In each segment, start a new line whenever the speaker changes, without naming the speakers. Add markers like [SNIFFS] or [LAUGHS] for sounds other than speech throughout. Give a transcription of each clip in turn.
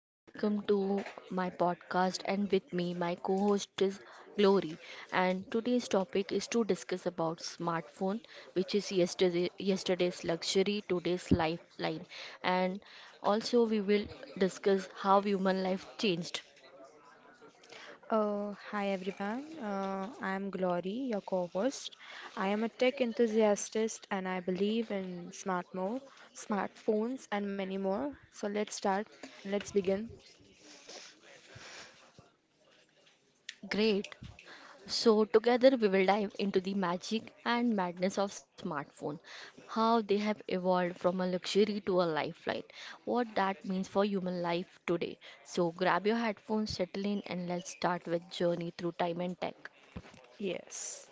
and welcome to my podcast. And with me, my co host is Glory. And today's topic is to discuss about smartphone, which is yesterday's luxury, today's lifeline. And also, we will discuss how human life changed.
Hi everyone, I am Glory, your co host. I am a tech enthusiast and I believe in smartphones, and many more. So let's begin.
Great. So, together we will dive into the magic and madness of smartphone, how they have evolved from a luxury to a lifeline, what that means for human life today. So, grab your headphones, settle in, and let's start with journey through time and tech.
Yes.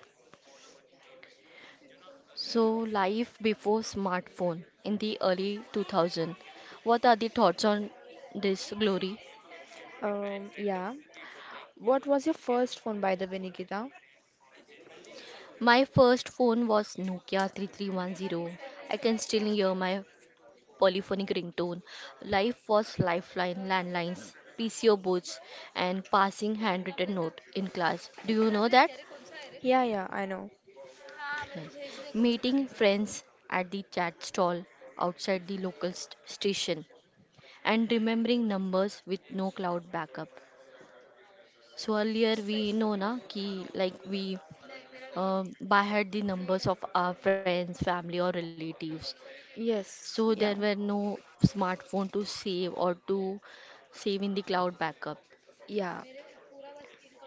So, life before smartphone in the early 2000. What are the thoughts on this, Glory?
Um, yeah. What was your first phone, by the way, Nikita?
My first phone was Nokia 3310. I can still hear my polyphonic ringtone. Life was lifeline, landlines, PCO booths, and passing handwritten note in class. Do you know that?
Yeah, yeah, I know.
Yes. Meeting friends at the chat stall outside the local station and remembering numbers with no cloud backup. So earlier we know na ki like we by heart the numbers of our friends, family or relatives.
Yes,
So there
yeah,
were no smartphone to save or to save in the cloud backup.
yeah.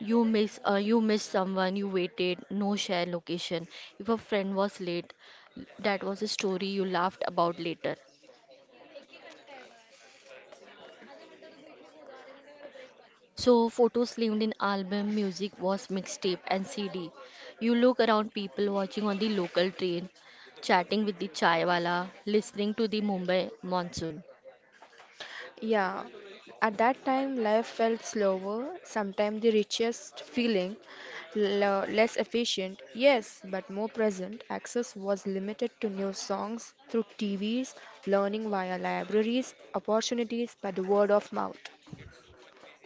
You miss someone, you waited, no share location. If a friend was late, that was a story you laughed about later. So photos lived in album, music was mixtape and CD. You look around people watching on the local train, chatting with the chaiwala, listening to the Mumbai monsoon.
Yeah, at that time, life felt slower, sometimes the richest feeling, less efficient, yes, but more present. Access was limited to new songs through TVs, learning via libraries, opportunities by the word of mouth.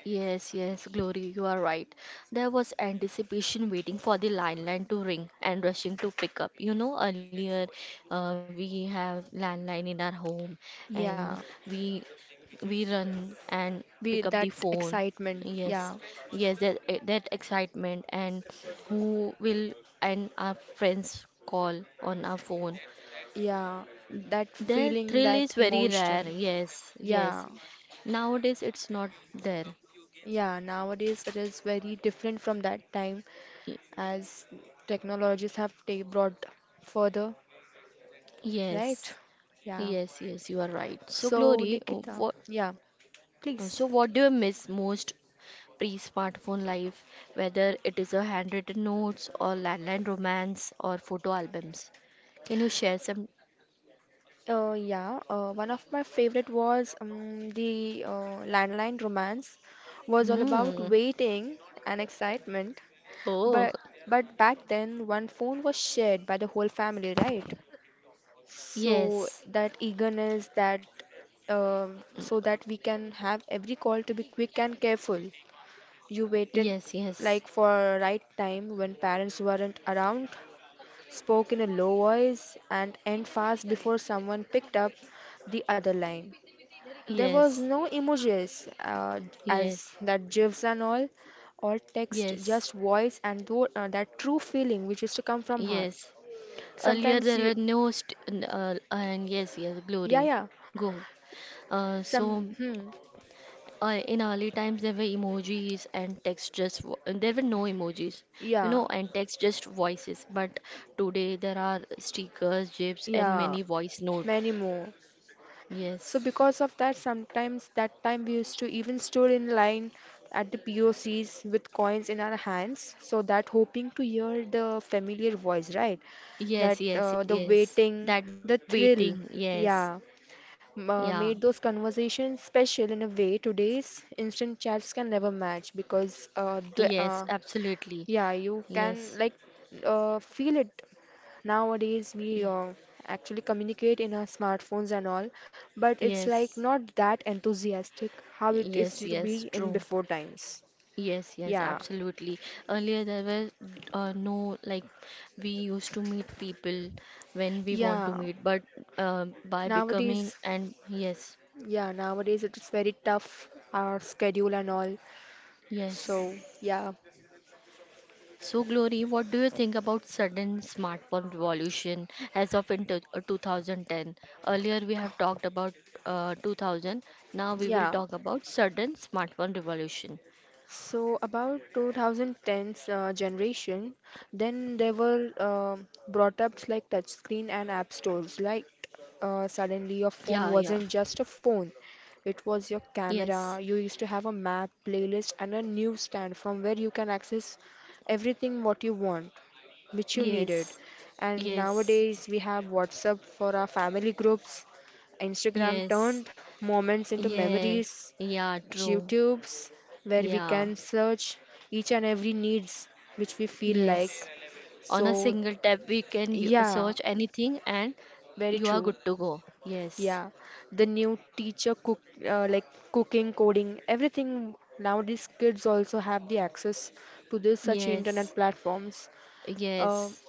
Yes, yes, Glory, you are right. There was anticipation waiting for the landline to ring and rushing to pick up. You know, earlier we have landline in our home, and
Yeah,
we we run and
be
pick up
that
the phone.
excitement,
Yes,
yeah,
yes, that excitement, and who will and our friends call on our phone.
yeah, that
That
feeling,
thrill
that
is very rare.
emotion.
Yes,
Yeah,
yes. Nowadays it's not there.
yeah, nowadays it is very different from that time, as technologies have brought further,
Yes,
right? Yeah.
yes, yes, you are right. So,
So,
Glory,
Nikita, yeah, please.
so what do you miss most pre-smartphone life, whether it is a handwritten notes or landline romance or photo albums? Can you share some?
Yeah, one of my favorite was the landline romance was all about
Hmm.
waiting and excitement.
Oh,
But but back then, one phone was shared by the whole family, right?
yes,
So that eagerness, that so that we can have every call to be quick and careful. You
yes,
waited
yes,
like for a right time when parents weren't around, spoke in a low voice, and end fast before someone picked up the other line. There was
yes,
no emojis
yes,
as that gifs and all, or text,
yes,
just voice and that true feeling which used to come from heart.
yes. Earlier
Sometimes
there
you,
were no st- n- and yes, yes,
yeah,
Glory.
yeah,
Go. Uh,
some,
so.
hmm,
In early times there were emojis and text just there were no emojis you
yeah,
know and text just voices, but today there are stickers, gifs, and
yeah,
many voice note.
many more. So
Yes,
because of that, sometimes that time we used to even stood in line at the POCs with coins in our hands, so that hoping to hear the familiar voice, right? That
yes, yes,
the
yes,
waiting,
that
the
waiting.
thrill,
Yes,
yeah,
yeah,
made those conversations special in a way today's instant chats can never match because
yes,
the
absolutely.
yeah, you
Yes,
can like feel it. Nowadays,
y-
we actually communicate in our smartphones and all, but it's like
yes,
not that enthusiastic how it is
yes,
to
yes,
be in
true.
before times.
Yes, yes,
Yeah,
absolutely. Earlier there were no, like we used to meet people when we want to
yeah.
meet, but by becoming
Nowadays,
and yes,
yeah, nowadays it is very tough, our schedule and all.
yes.
So, yeah,
So Glory, what do you think about sudden smartphone revolution as of 2010? Earlier we have talked about 2000. Now we will
yeah.
talk about sudden smartphone revolution.
So about 2010s generation, then they were brought up like touchscreen and app stores. Like suddenly your
Yeah, yeah.
phone wasn't just a phone; it was your
Yes.
camera. You used to have a map, playlist, and a newsstand from where you can access everything what you want, which you needed.
Yes.
And
Yes.
nowadays we have WhatsApp for our family groups. Instagram
Yes.
turned moments into
Yes,
memories.
yeah, true.
YouTubes where we
Yeah,
can search each and every needs which we feel like.
yes. On a
So
single tap, we can
yeah,
search anything and
very
you are
true.
good to go. Yes,
Yeah, the new teacher cook, like cooking, coding, everything. Now these kids also have the access to this such internet
yes,
platforms. Uh,
yes,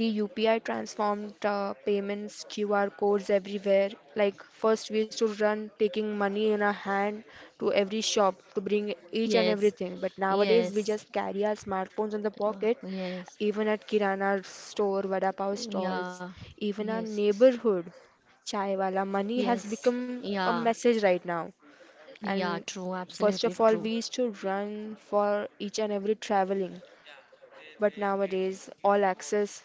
The UPI transformed payments, QR codes everywhere. Like, first, we used to run taking money in our hand to every shop to bring each and
yes,
everything. But nowadays, we
yes,
just carry our smartphones in the pocket,
yes,
even at Kirana store, Vada Pav
yeah,
stalls, even our
yes,
neighborhood. Chaiwala money has
yes,
become a
yeah,
message right now.
yeah,
And
true, absolutely
first of all,
true.
we used to run for each and every traveling. But nowadays, all access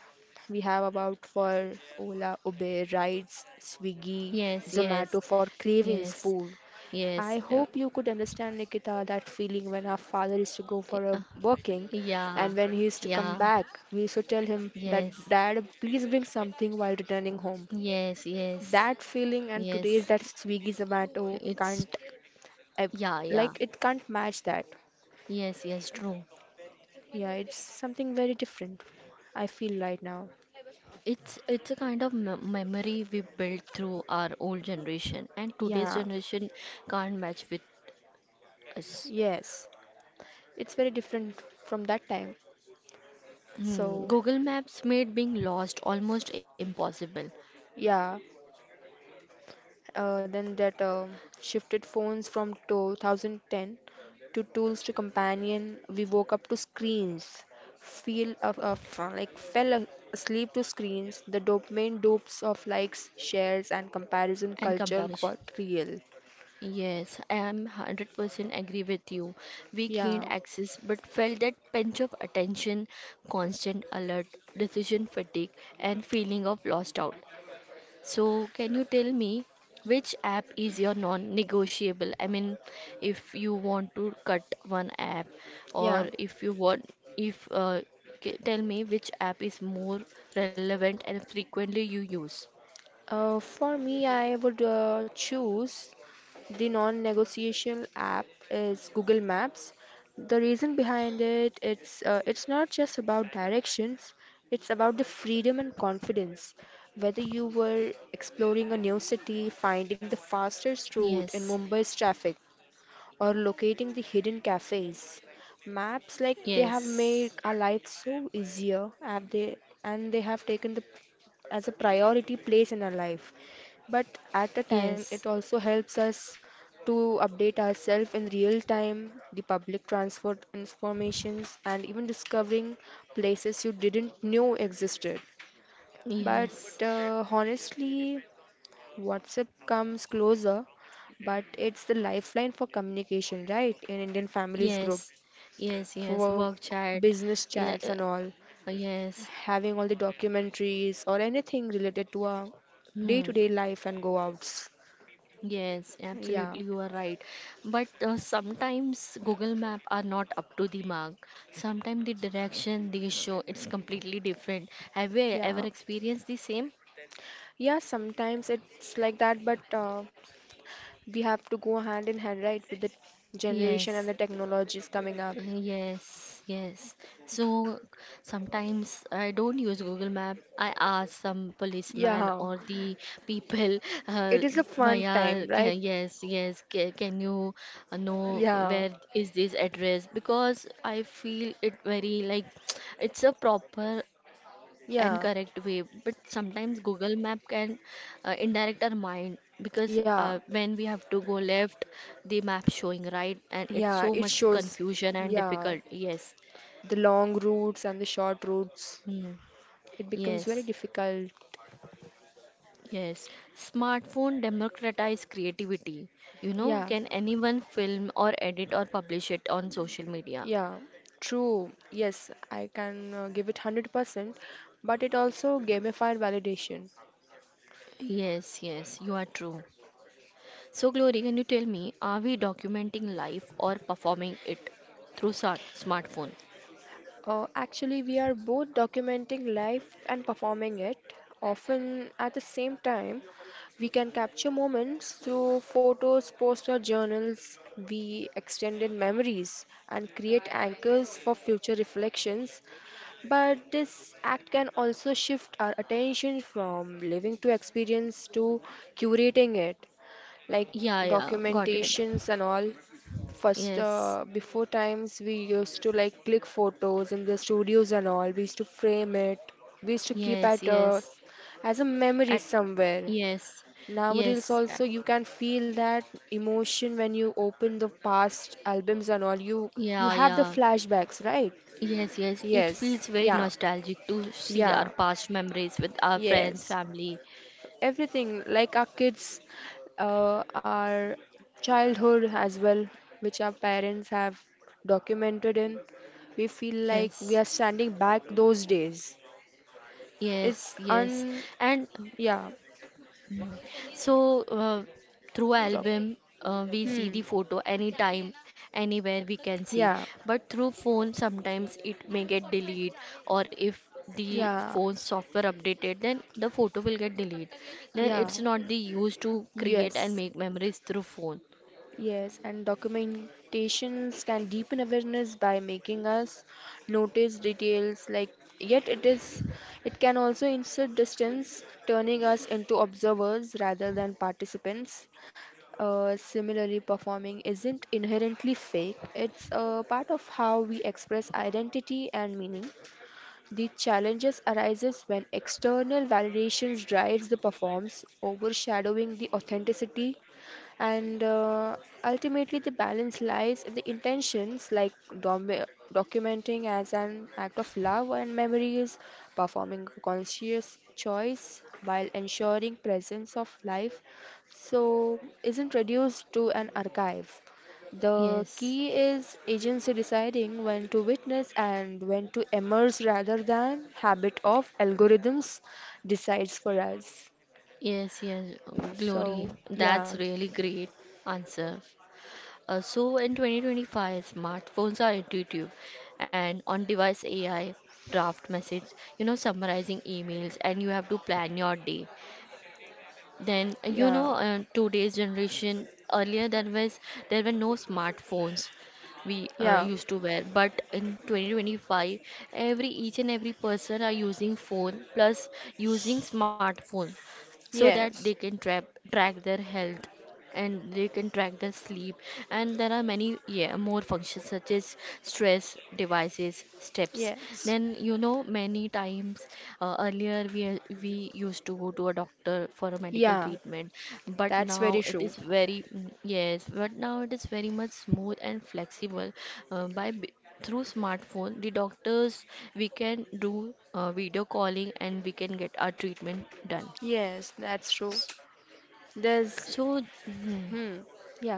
we have about for Ola, Uber, rides, Swiggy,
Yes, yes,
Zomato for cravings
yes,
food. I
yes,
hope you could understand, Nikita, that feeling when our father used to go for
uh,
a working
yeah,
and when he used to come
yeah,
back, we used to tell him that,
yes.
Dad, please bring something while returning home.
Yes, yes,
That feeling and
yes.
today's that Swiggy Zomato
It's
can't, ev-
Yeah, yeah.
like, it can't match that.
Yes, yes, true.
Yeah, it's something very different, I feel right now.
It's a kind of me memory we built through our old generation, and today's
Yeah,
generation can't match with us.
yes, it's very different from that time.
Hmm.
So,
Google Maps made being lost almost impossible,
yeah, then that shifted phones from 2010 to tools to companion. We woke up to screens, of like asleep to screens. The dopamine dopes of likes, shares, and comparison
and
culture
comparison.
got real.
Yes, I am 100% agree with you. We
Yeah,
gained access but felt that pinch of attention, constant alert, decision fatigue, and feeling of lost out. So, can you tell me which app is your non-negotiable? I mean, if you want to cut one app,
yeah.
or if you want, if ca- tell me which app is more relevant and frequently you use.
For me, I would choose the non-negotiable app is Google Maps. The reason behind it, it's not just about directions, it's about the freedom and confidence. Whether you were exploring a new city, finding the fastest route
Yes,
in Mumbai's traffic, or locating the hidden cafes. Maps like they have
yes,
made our life so easier have they, and they have taken the as a priority place in our life. But at a time
yes,
it also helps us to update ourselves in real time, the public transport informations and even discovering places you didn't know existed. But
yes,
honestly, WhatsApp comes closer, but it's the lifeline for communication, right? In Indian families group,
yes, yes, yes.
work,
Work chat.
business
Yeah,
chats, and all.
yes.
Having all the documentaries or anything related to our day
Hmm.
to day life and go outs.
Yes,
Yeah,
absolutely, you are right. But sometimes Google Map are not up to the mark. Sometimes the direction they show it's completely different. Have you
yeah.
ever experienced the same?
Yeah, sometimes it's like that, but we have to go hand in hand, right, with the generation
Yes.
and the technologies coming up.
Yes, yes. So sometimes I don't use Google Map. I ask some policeman
Yeah,
or the [LAUGHS] people, uh,
it is a fun time, right?
yes, yes, can you know
Yeah,
where is this address? Because I feel it very like [SNIFFS] [TSK] it's a proper and correct way. But
yeah,
sometimes Google Map can indirect our mind, because when we
yeah.
have to go left, the map showing right, and it's so much
Yeah, it shows,
confusion and difficult.
yeah,
Yes.
the long routes and the short routes.
Hmm.
It becomes
Yes,
very difficult.
yes, smartphone democratize creativity.
Yeah,
Can anyone film or edit or publish it on social media?
yeah, true. Yes, I can give it 100%, but it also gamified validation.
Yes, yes, you are true. So Glory, can you tell me, are we documenting life or performing it through smartphone?
Actually, we are both documenting life and performing it, often at the same time. We can capture moments through photos, posts, or journals. We extended memories and create anchors for future reflections. But this act can also shift our attention from living to experience to curating it, like
Yeah, yeah, got it.
documentations and all. First,
Yes,
before times, we used to like click photos in the studios and all. We used to frame it. We used to keep
yes,
at
yes.
us as a memory
At
somewhere.
Yes,
Nowadays,
yes,
also, you can feel that emotion when you open the past albums and all. You
yeah,
have the
yeah,
flashbacks, right?
yes, yes. It
Yes,
feels very
yeah.
nostalgic to see our
Yeah,
past memories with our friends,
yes.
family.
Everything like our kids, our childhood as well, which our parents have documented in, we feel like we are
Yes,
standing back those days.
yes,
It's
yes.
un,
And
yeah,
Mhm. So, uh, through
doc,
album, we see
hmm,
the photo anytime, anywhere we can see.
yeah,
But through phone, sometimes it may get deleted, or if the
yeah,
phone software updated, then the photo will get deleted. Then
yeah,
it's not the use to create and
yes,
make memories through phone.
yes, and documentations can deepen awareness by making us notice details like yet it is it can also insert distance, turning us into observers rather than participants. Similarly, performing isn't inherently fake. It's a part of how we express identity and meaning. The challenges arises when external validations drives the performance, overshadowing the authenticity, and ultimately the balance lies in the intentions, like dom- documenting as an act of love and memories, performing a conscious choice while ensuring presence of life, so isn't reduced to an archive. The
Yes,
key is agency deciding when to witness and when to immerse rather than habit of algorithms decides for us.
yes, yes,
So,
Glory.
yeah,
That's really great answer. So, in 2025, smartphones are intuitive and on-device AI, draft message, summarizing emails, and you have to plan your day. Then
yeah,
today's generation, earlier there were no smartphones we
yeah,
used to wear, but in 2025, every each and every person are using phone plus using smartphone so that they can
yes,
trap track their health and they can track their sleep, and there are many more functions such as stress devices steps.
yes,
Then many times earlier we used to go to a doctor for a medical
yeah,
treatment, but
that's
now
very
it
true.
is very yes, but now it is very much smooth and flexible. uh, by b- Through smartphone the doctors, we can do video calling and we can get our treatment done.
Yes, that's true. There's,
so mhm.
hmm, yeah,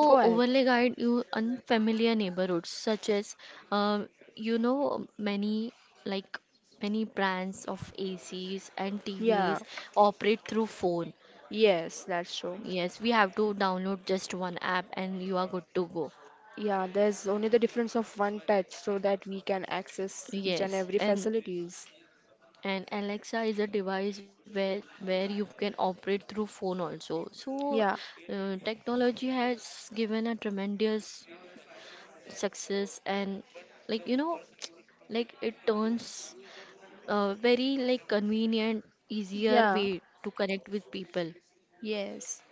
go ahead.
overlay guide you unfamiliar neighborhoods such as uh, many like many brands of ACs and
Yeah,
TVs operate through phone.
yes, that's true.
Yes, we have to download just one app and you are good to go.
Yeah, there's only the difference of one touch so that we can access each and
Yes,
every
and
facilities.
and Alexa is a device where you can operate through phone also. So
Yeah,
technology has given a tremendous success and like you know it turns a very like convenient, easier
yeah,
way to connect with people.
yes.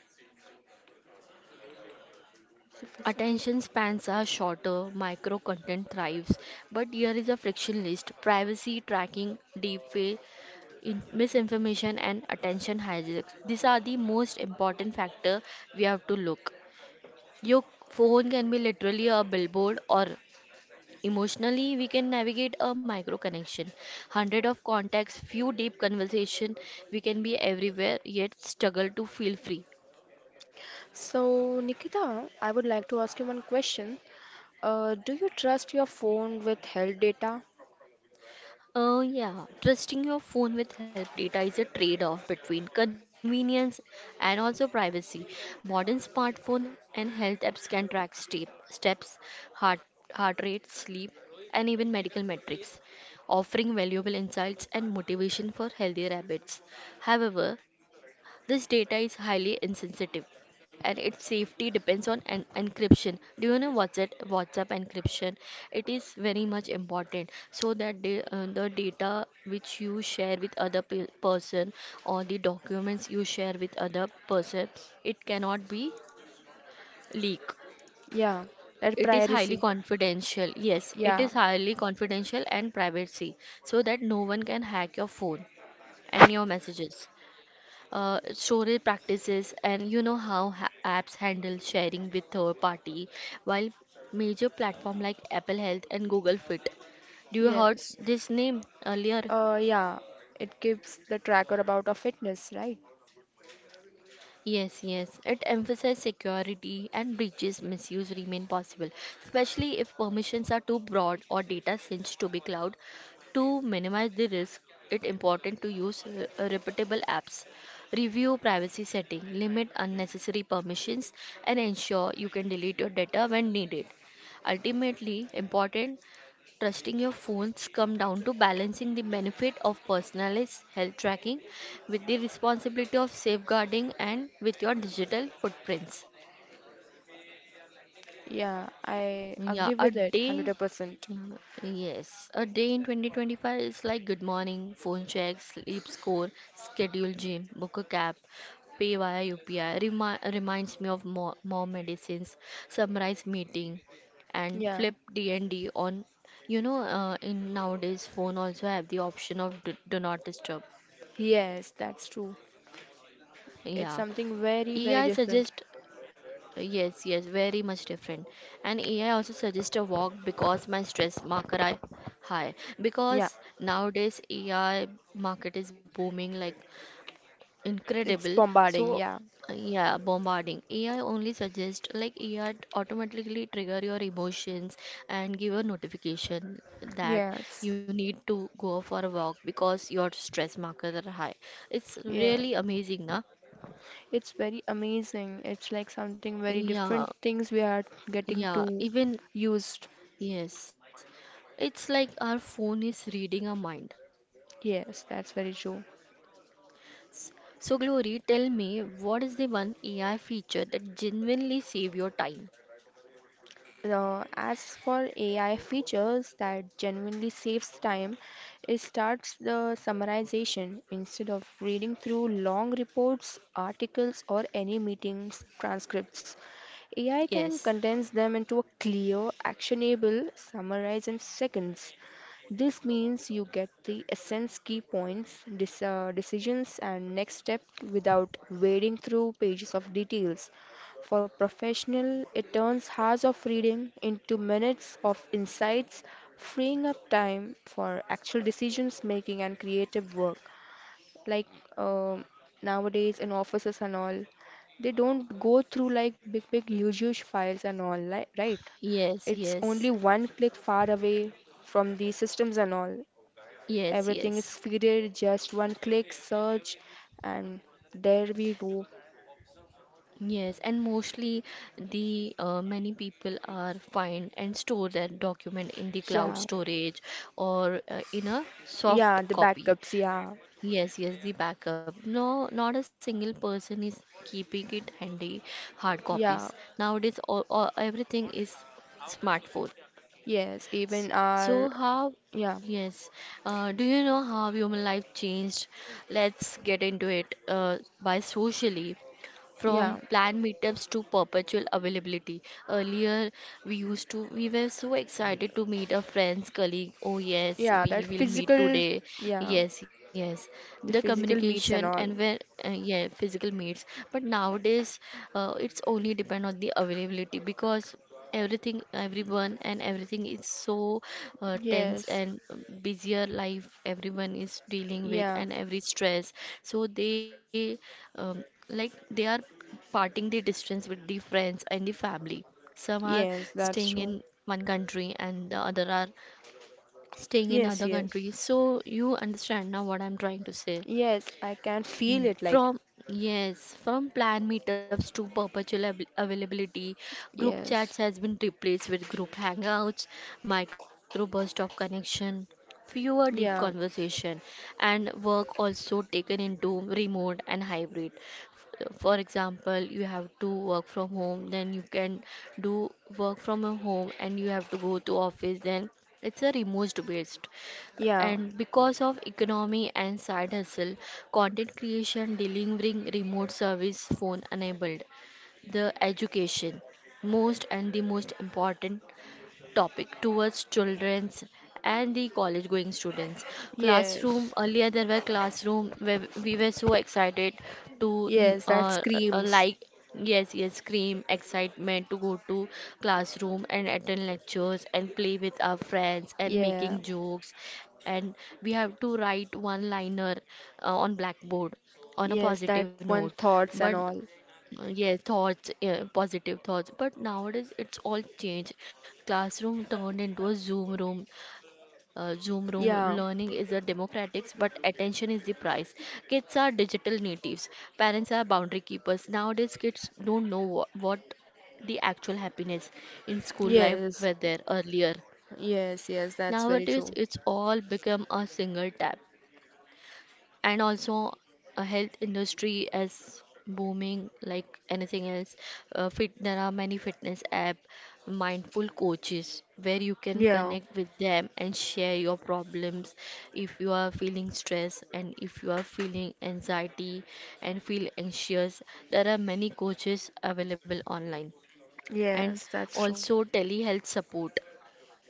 Attention spans are shorter, micro content thrives, but here is a friction list: privacy tracking, deepfake, misinformation, and attention hijacks. These are the most important factor we have to look. Your phone can be literally a billboard, or emotionally, we can navigate a micro connection, hundred of contacts, few deep conversation. We can be everywhere, yet struggle to feel free.
So, Nikita, I would like to ask you one question. Do you trust your phone with health data?
Yeah, trusting your phone with help data is a trade-off between convenience and also privacy. Modern smartphone and health apps can track steps, heart, heart rate, sleep, and even medical metrics, offering valuable insights and motivation for healthier habits. However, this data is highly insensitive and its safety depends on an encryption. Do you know what's it? WhatsApp encryption, it is very much important, so that the data which you share with other person, or the documents you share with other person, it cannot be leaked.
Yeah, that
It is highly
privacy.
confidential. Yes, it is
Yeah,
highly confidential and privacy, so that no one can hack your phone and your messages. Social practices, and you know how apps handle sharing with third party, while major platform like Apple Health and Google Fit, do you heard
yes.
this name earlier?
Uh, yeah, it keeps the tracker about our fitness, right?
Yes, yes. It emphasizes security, and breaches misuse remain possible, especially if permissions are too broad or data sends to be cloud. To minimize the risk, it's important to use reputable apps, review privacy setting, limit unnecessary permissions, and ensure you can delete your data when needed. Ultimately, important, trusting your phones come down to balancing the benefit of personalized health tracking with the responsibility of safeguarding and with your digital footprints.
Yeah, I
Yeah,
agree
a
with it
day.
100%.
Yes, a day in 2025 is like good morning, phone check, sleep score, schedule gym, book a cab, pay via UPI. Reminds me of more medicines, summarize meeting, and
Yeah,
flip D&D on. In nowadays phone also have the option of do not disturb.
yes, that's true.
Yeah,
It's something
AI
very, very
suggest.
different.
Yes, yes, very much different. And AI also suggests a walk because my stress marker are high.
Yeah,
Because nowadays AI market is booming like
it's
incredible.
bombarding.
So
Yeah,
yeah, bombarding. AI only suggests, like, AI automatically trigger your emotions and give a notification that
yes,
you need to go for a walk because your stress markers are high. It's
yeah.
really amazing, na?
It's very amazing. It's like something very different
Yeah,
things we are getting
yeah.
to
Even
used.
Yes, it's like our phone is reading our mind.
Yes, that's very true.
S- So, Glory, tell me, what is the one AI feature that genuinely save your time?
As for AI features that genuinely saves time, it starts the summarization. Instead of reading through long reports, articles, or any meetings transcripts, AI can
Yes,
condense them into a clear, actionable summarize in seconds. This means you get the essence, key points, decisions, and next step without wading through pages of details. For professional, it turns hours of reading into minutes of insights, freeing up time for actual decisions making and creative work like um nowadays in offices and all, they don't go through like big huge files and all, like right,
yes,
it's
yes,
only one click far away from the systems and all.
yes,
Everything is
yes,
feeded, just one click search and there we go.
yes. And mostly, the many people are find and store their document in the cloud
Yeah,
storage or in a
yeah,
soft
the
copy.
backups, yeah,
Yes, yes, the backup. No, not a single person is keeping it handy, hard copies.
yeah,
Nowadays, all, everything is smartphone.
yes,
S-
even
So
our,
how?
yeah,
Yes. Do you know how human life changed? Let's get into it. By socially, from
yeah,
planned meetups to perpetual availability. Earlier, we were so excited to meet our friends, colleague. Oh yes,
yeah,
we
that
will meet
physical,
today.
yeah,
Yes, yes. The
the physical
communication
meets and
and
all,
where yeah, physical meets. But nowadays, it's only depend on the availability because everything everyone and everything is so tense
yes,
and busier life everyone is dealing with
yeah,
and every stress so they um, like they are parting the distance with the friends and the family, some are
yes, that's
staying
true.
in one country and the other are staying in
Yes,
other
yes.
country, so you understand now what I'm trying to say.
Yes, I can feel
Mm,
it like,
From yes, from planned meetups to perpetual availability, group chats
yes.
has been replaced with group hangouts, micro burst of connection, fewer deep
Yeah,
conversation, and work also taken into remote and hybrid. For example, you have to work from home, then you can do work from a home, and you have to go to office. Then it's a remote based,
yeah,
and because of economy and side hustle, content creation delivering remote service phone enabled the education, most and the most important topic towards children's and the college going students. Classroom,
yes.
earlier there were classroom where we were so excited to
Yes, that
uh,
screams.
like yes, yes, scream excitement to go to classroom and attend lectures and play with our friends and
Yeah,
making jokes, and we have to write one liner on blackboard on a
yes, that
positive note.
one thoughts
But
and all.
yes, thoughts, yeah, positive thoughts. But nowadays it's all changed. Classroom turned into a Zoom room. Zoom room learning
Yeah,
is a democratics, but attention is the price. Kids are digital natives. Parents are boundary keepers. Nowadays kids don't know what the actual happiness in school life
yes,
were there earlier.
yes, yes, that's very
Nowadays,
true.
it's all become a single tap, and also a health industry is booming like anything else. Fit There are many fitness app, mindful coaches where you can
Yeah,
connect with them and share your problems if you are feeling stress and if you are feeling anxiety and feel anxious. There are many coaches available online, and
yes, that's true.
also telehealth support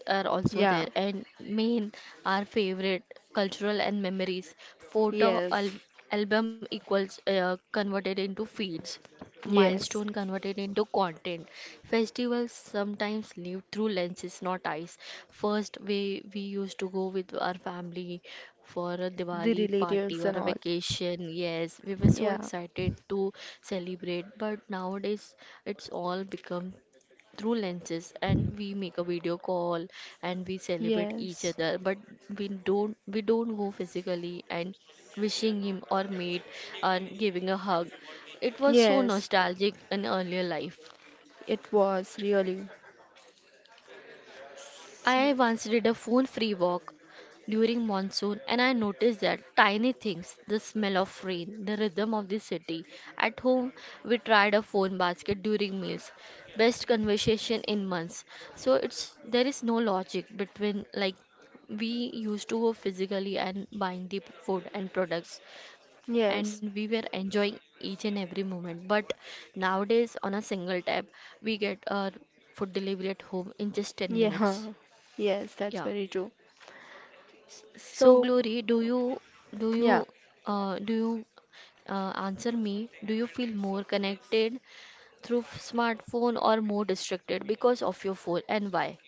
are also
Yeah,
there. And main, our favorite cultural and memories
yes,
album equals converted into feeds, milestone
yes.
converted into content, festivals sometimes live through lenses not eyes. First we used to go with our family for a
The
Diwali party
relatives
or
and
a
all.
vacation. Yes, we were so
Yeah,
excited to celebrate, but nowadays it's all become through lenses, and we make a video call and we celebrate each
yes,
other. But we don't go physically and wishing him or mate and giving a hug. It was so
yes,
nostalgic in earlier life.
it was really.
I once did a phone free walk during monsoon, and I noticed that tiny things, the smell of rain, the rhythm of the city. At home, we tried a phone basket during meals. Best conversation in months. So it's there is no logic between, like, we used to go physically and buying the food and products, and
Yes,
we were enjoying each and every moment. But nowadays on a single tap we get our food delivery at home in just 10 minutes,
yeah, [LAUGHS] yes, that's
yeah.
very true.
So
So,
Glory, do you
yeah,
do you answer me? Do you feel more connected through smartphone or more distracted because of your phone, and why?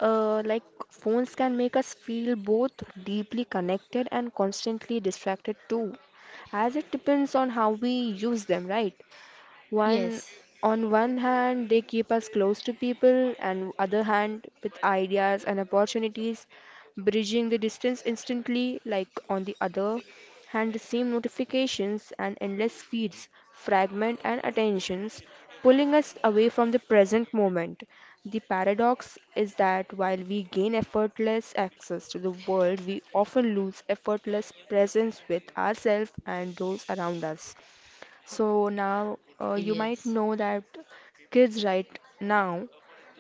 like phones can make us feel both deeply connected and constantly distracted too, as it depends on how we use them, right? One
Yes.
on one hand they keep us close to people and other hand with ideas and opportunities, bridging the distance instantly like on the other hand the same notifications and endless feeds fragment and attentions pulling us away from the present moment. The paradox is that while we gain effortless access to the world, we often lose effortless presence with ourselves and those around us. So now you
Yes.
might know that kids right now,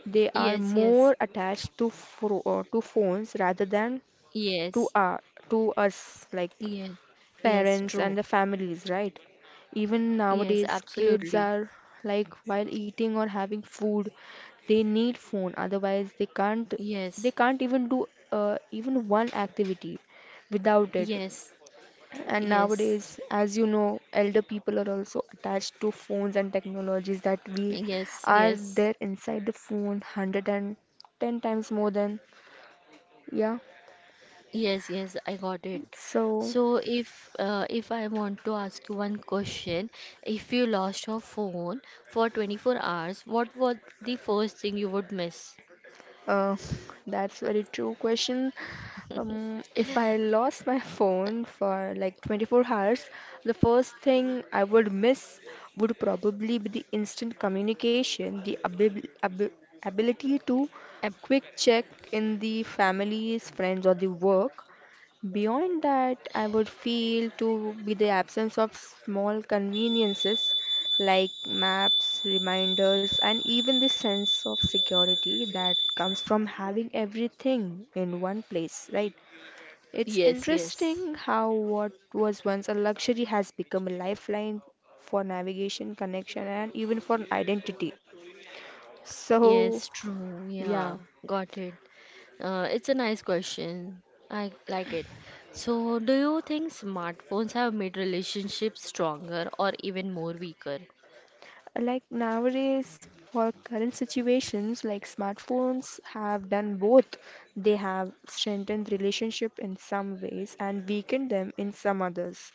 they are
yes.
more attached to fro to phones rather than
Yes.
to our to us, like,
Yes. Yes, true.
parents and the families, right? Even
Yes,
nowadays, kids
absolutely.
are, like, while eating or having food, they need phone. Otherwise, they can't
Yes.
they can't even do even one activity without it.
Yes.
And
Yes.
nowadays, as you know, elder people are also attached to phones and technologies that we
Yes,
are
yes.
there inside the phone 110 times more than, yeah.
Yes, yes, I got it.
So,
So if I want to ask you one question, if you lost your phone for 24 hours, what was the first thing you would miss?
Uh, that's very true question. If I lost my phone for like 24 hours, the first thing I would miss would probably be the instant communication, the abib- ab ability to
[LAUGHS] Ap-
quick check in the families, friends, or the work. Beyond that, I would feel to be the absence of small conveniences like maps, reminders, and even the sense of security that comes from having everything in one place, right? It's
Yes, yes.
interesting how what was once a luxury has become a lifeline for navigation, connection, and even for identity. So,
Yes, true. Yeah,
yeah,
got it. It's a nice question. I like it. So, do you think smartphones have made relationships stronger or even more weaker?
like nowadays, for current situations, like smartphones have done both. They have strengthened relationship in some ways and weakened them in some others.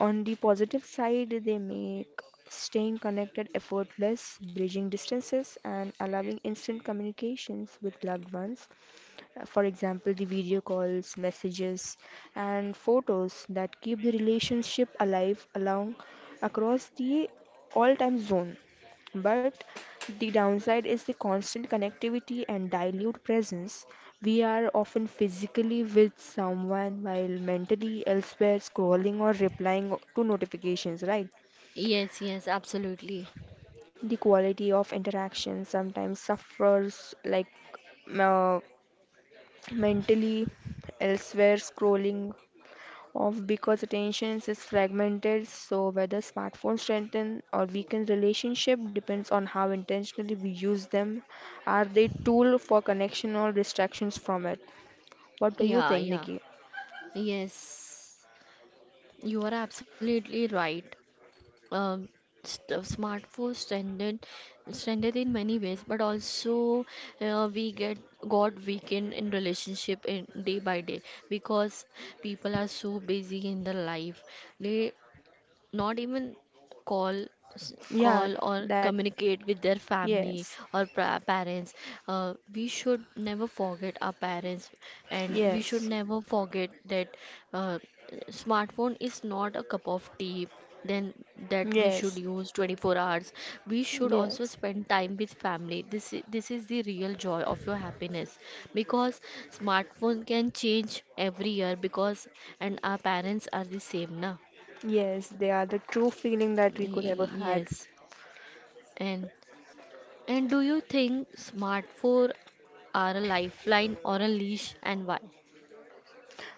On the positive side, they make staying connected effortless, bridging distances, and allowing instant communications with loved ones. For example, the video calls, messages, and photos that keep the relationship alive along across the all time zone. But the downside is the constant connectivity and dilute presence. We are often physically with someone while mentally elsewhere scrolling or replying to notifications, right?
Yes, yes, absolutely.
The quality of interaction sometimes suffers, like, uh, mentally elsewhere scrolling off because attention is fragmented. So whether smartphones strengthen or weaken relationship depends on how intentionally we use them. Are they tool for connection or distractions from it? What do you
Yeah,
think,
yeah.
Nikki?
Yes. You are absolutely right. Um, Smartphones strengthened in many ways, but also we get got weakened in relationship in day by day, because people are so busy in their life. They not even call
Yeah.
call or
That.
communicate with their family
Yes.
or parents. Uh, we should never forget our parents, and we should
Yes.
never forget that uh, smartphone is not a cup of tea then that we should
Yes.
use 24 hours. We should also
Yes.
spend time with family. This is the real joy of your happiness, because smartphone can change every year because, and our parents are the same na.
Yes, they are the true feeling that we could ever had.
Yes, and and do you think smartphones are a lifeline or a leash, and why?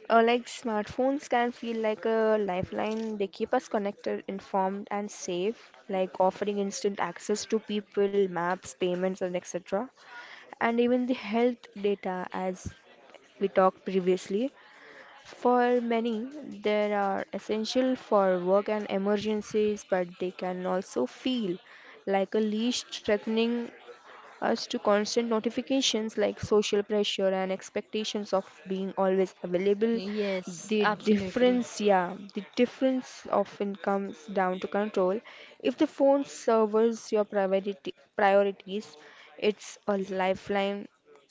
Like smartphones can feel like a lifeline. They keep us connected, informed, and safe, like offering instant access to people, maps, payments, and etc. And even the health data, as we talked previously. For many, they are essential for work and emergencies, but they can also feel like a leash threatening us to constant notifications, like social pressure and expectations of being always available.
Yes,
the
absolutely.
difference yeah the difference often comes down to control. If the phone serves your priorities, it's a lifeline.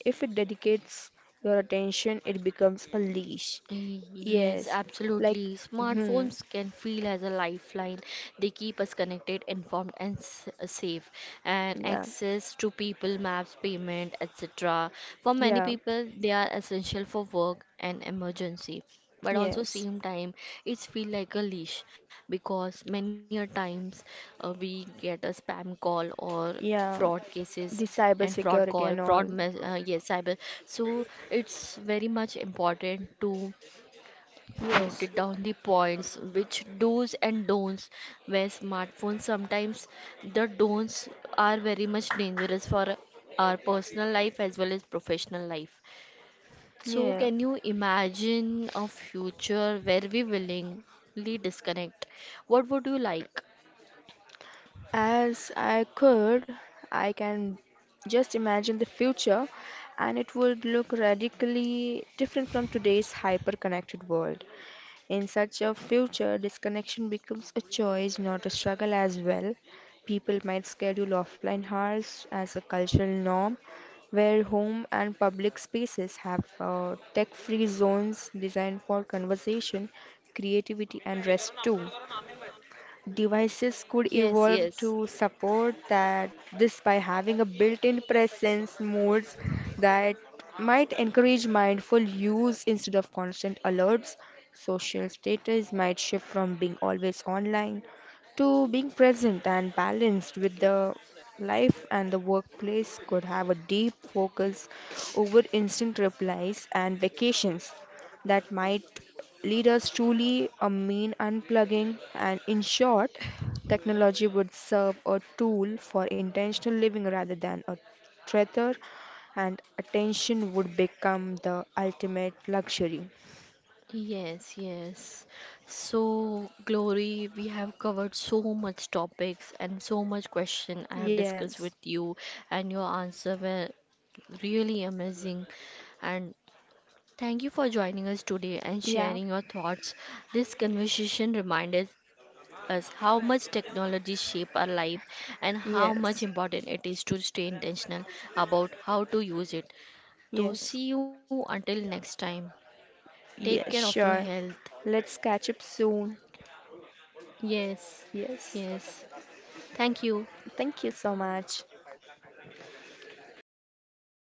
If it dedicates your attention, it becomes a leash.
Yes,
Yes. Like.
absolutely.
Hmm.
Smartphones can feel as a lifeline. They keep us connected, informed, and safe. And
Yeah.
access to people, maps, payment, etc. For many
Yeah.
people, they are essential for work and emergency. But also,
Yes.
same time, it's feel like a leash, because many a times we get a spam call or fraud
Yeah,
cases
the
and
cyber
fraud call
security and
fraud
all.
mess yes cyber. So it's very much important to
Yes.
noted down the points which do's and don'ts, where smartphones sometimes the don'ts are very much dangerous for our personal life as well as professional life. So
Yeah,
can you imagine a future where we willingly disconnect, what would you like?
as I could, I can just imagine the future, and it would look radically different from today's hyper connected world. In such a future, disconnection becomes a choice, not a struggle, as well. People might schedule offline hours as a cultural norm, where home and public spaces have tech free zones designed for conversation, creativity, and rest too. Devices could
Yes, yes.
evolve to support that this by having a built-in presence modes that might encourage mindful use instead of constant alerts. Social status might shift from being always online to being present and balanced with the life. And the workplace could have a deep focus over instant replies and vacations that might lead us truly a mean unplugging. And in short, technology would serve a tool for intentional living rather than a treasure, and attention would become the ultimate luxury.
Yes, yes. So, Glory, we have covered so much topics and so much question I have discussed
Yes.
with you, and your answer were really amazing. And thank you for joining us today and
Yeah.
sharing your thoughts. This conversation reminded us how much technology shape our life and how much
Yes.
important it is to stay intentional about how to use it. So,
Yes,
see you until next time. Take care of
yes
your
sure.
health.
Let's catch up soon.
Yes,
Yes.
yes. Thank you.
Thank you so much.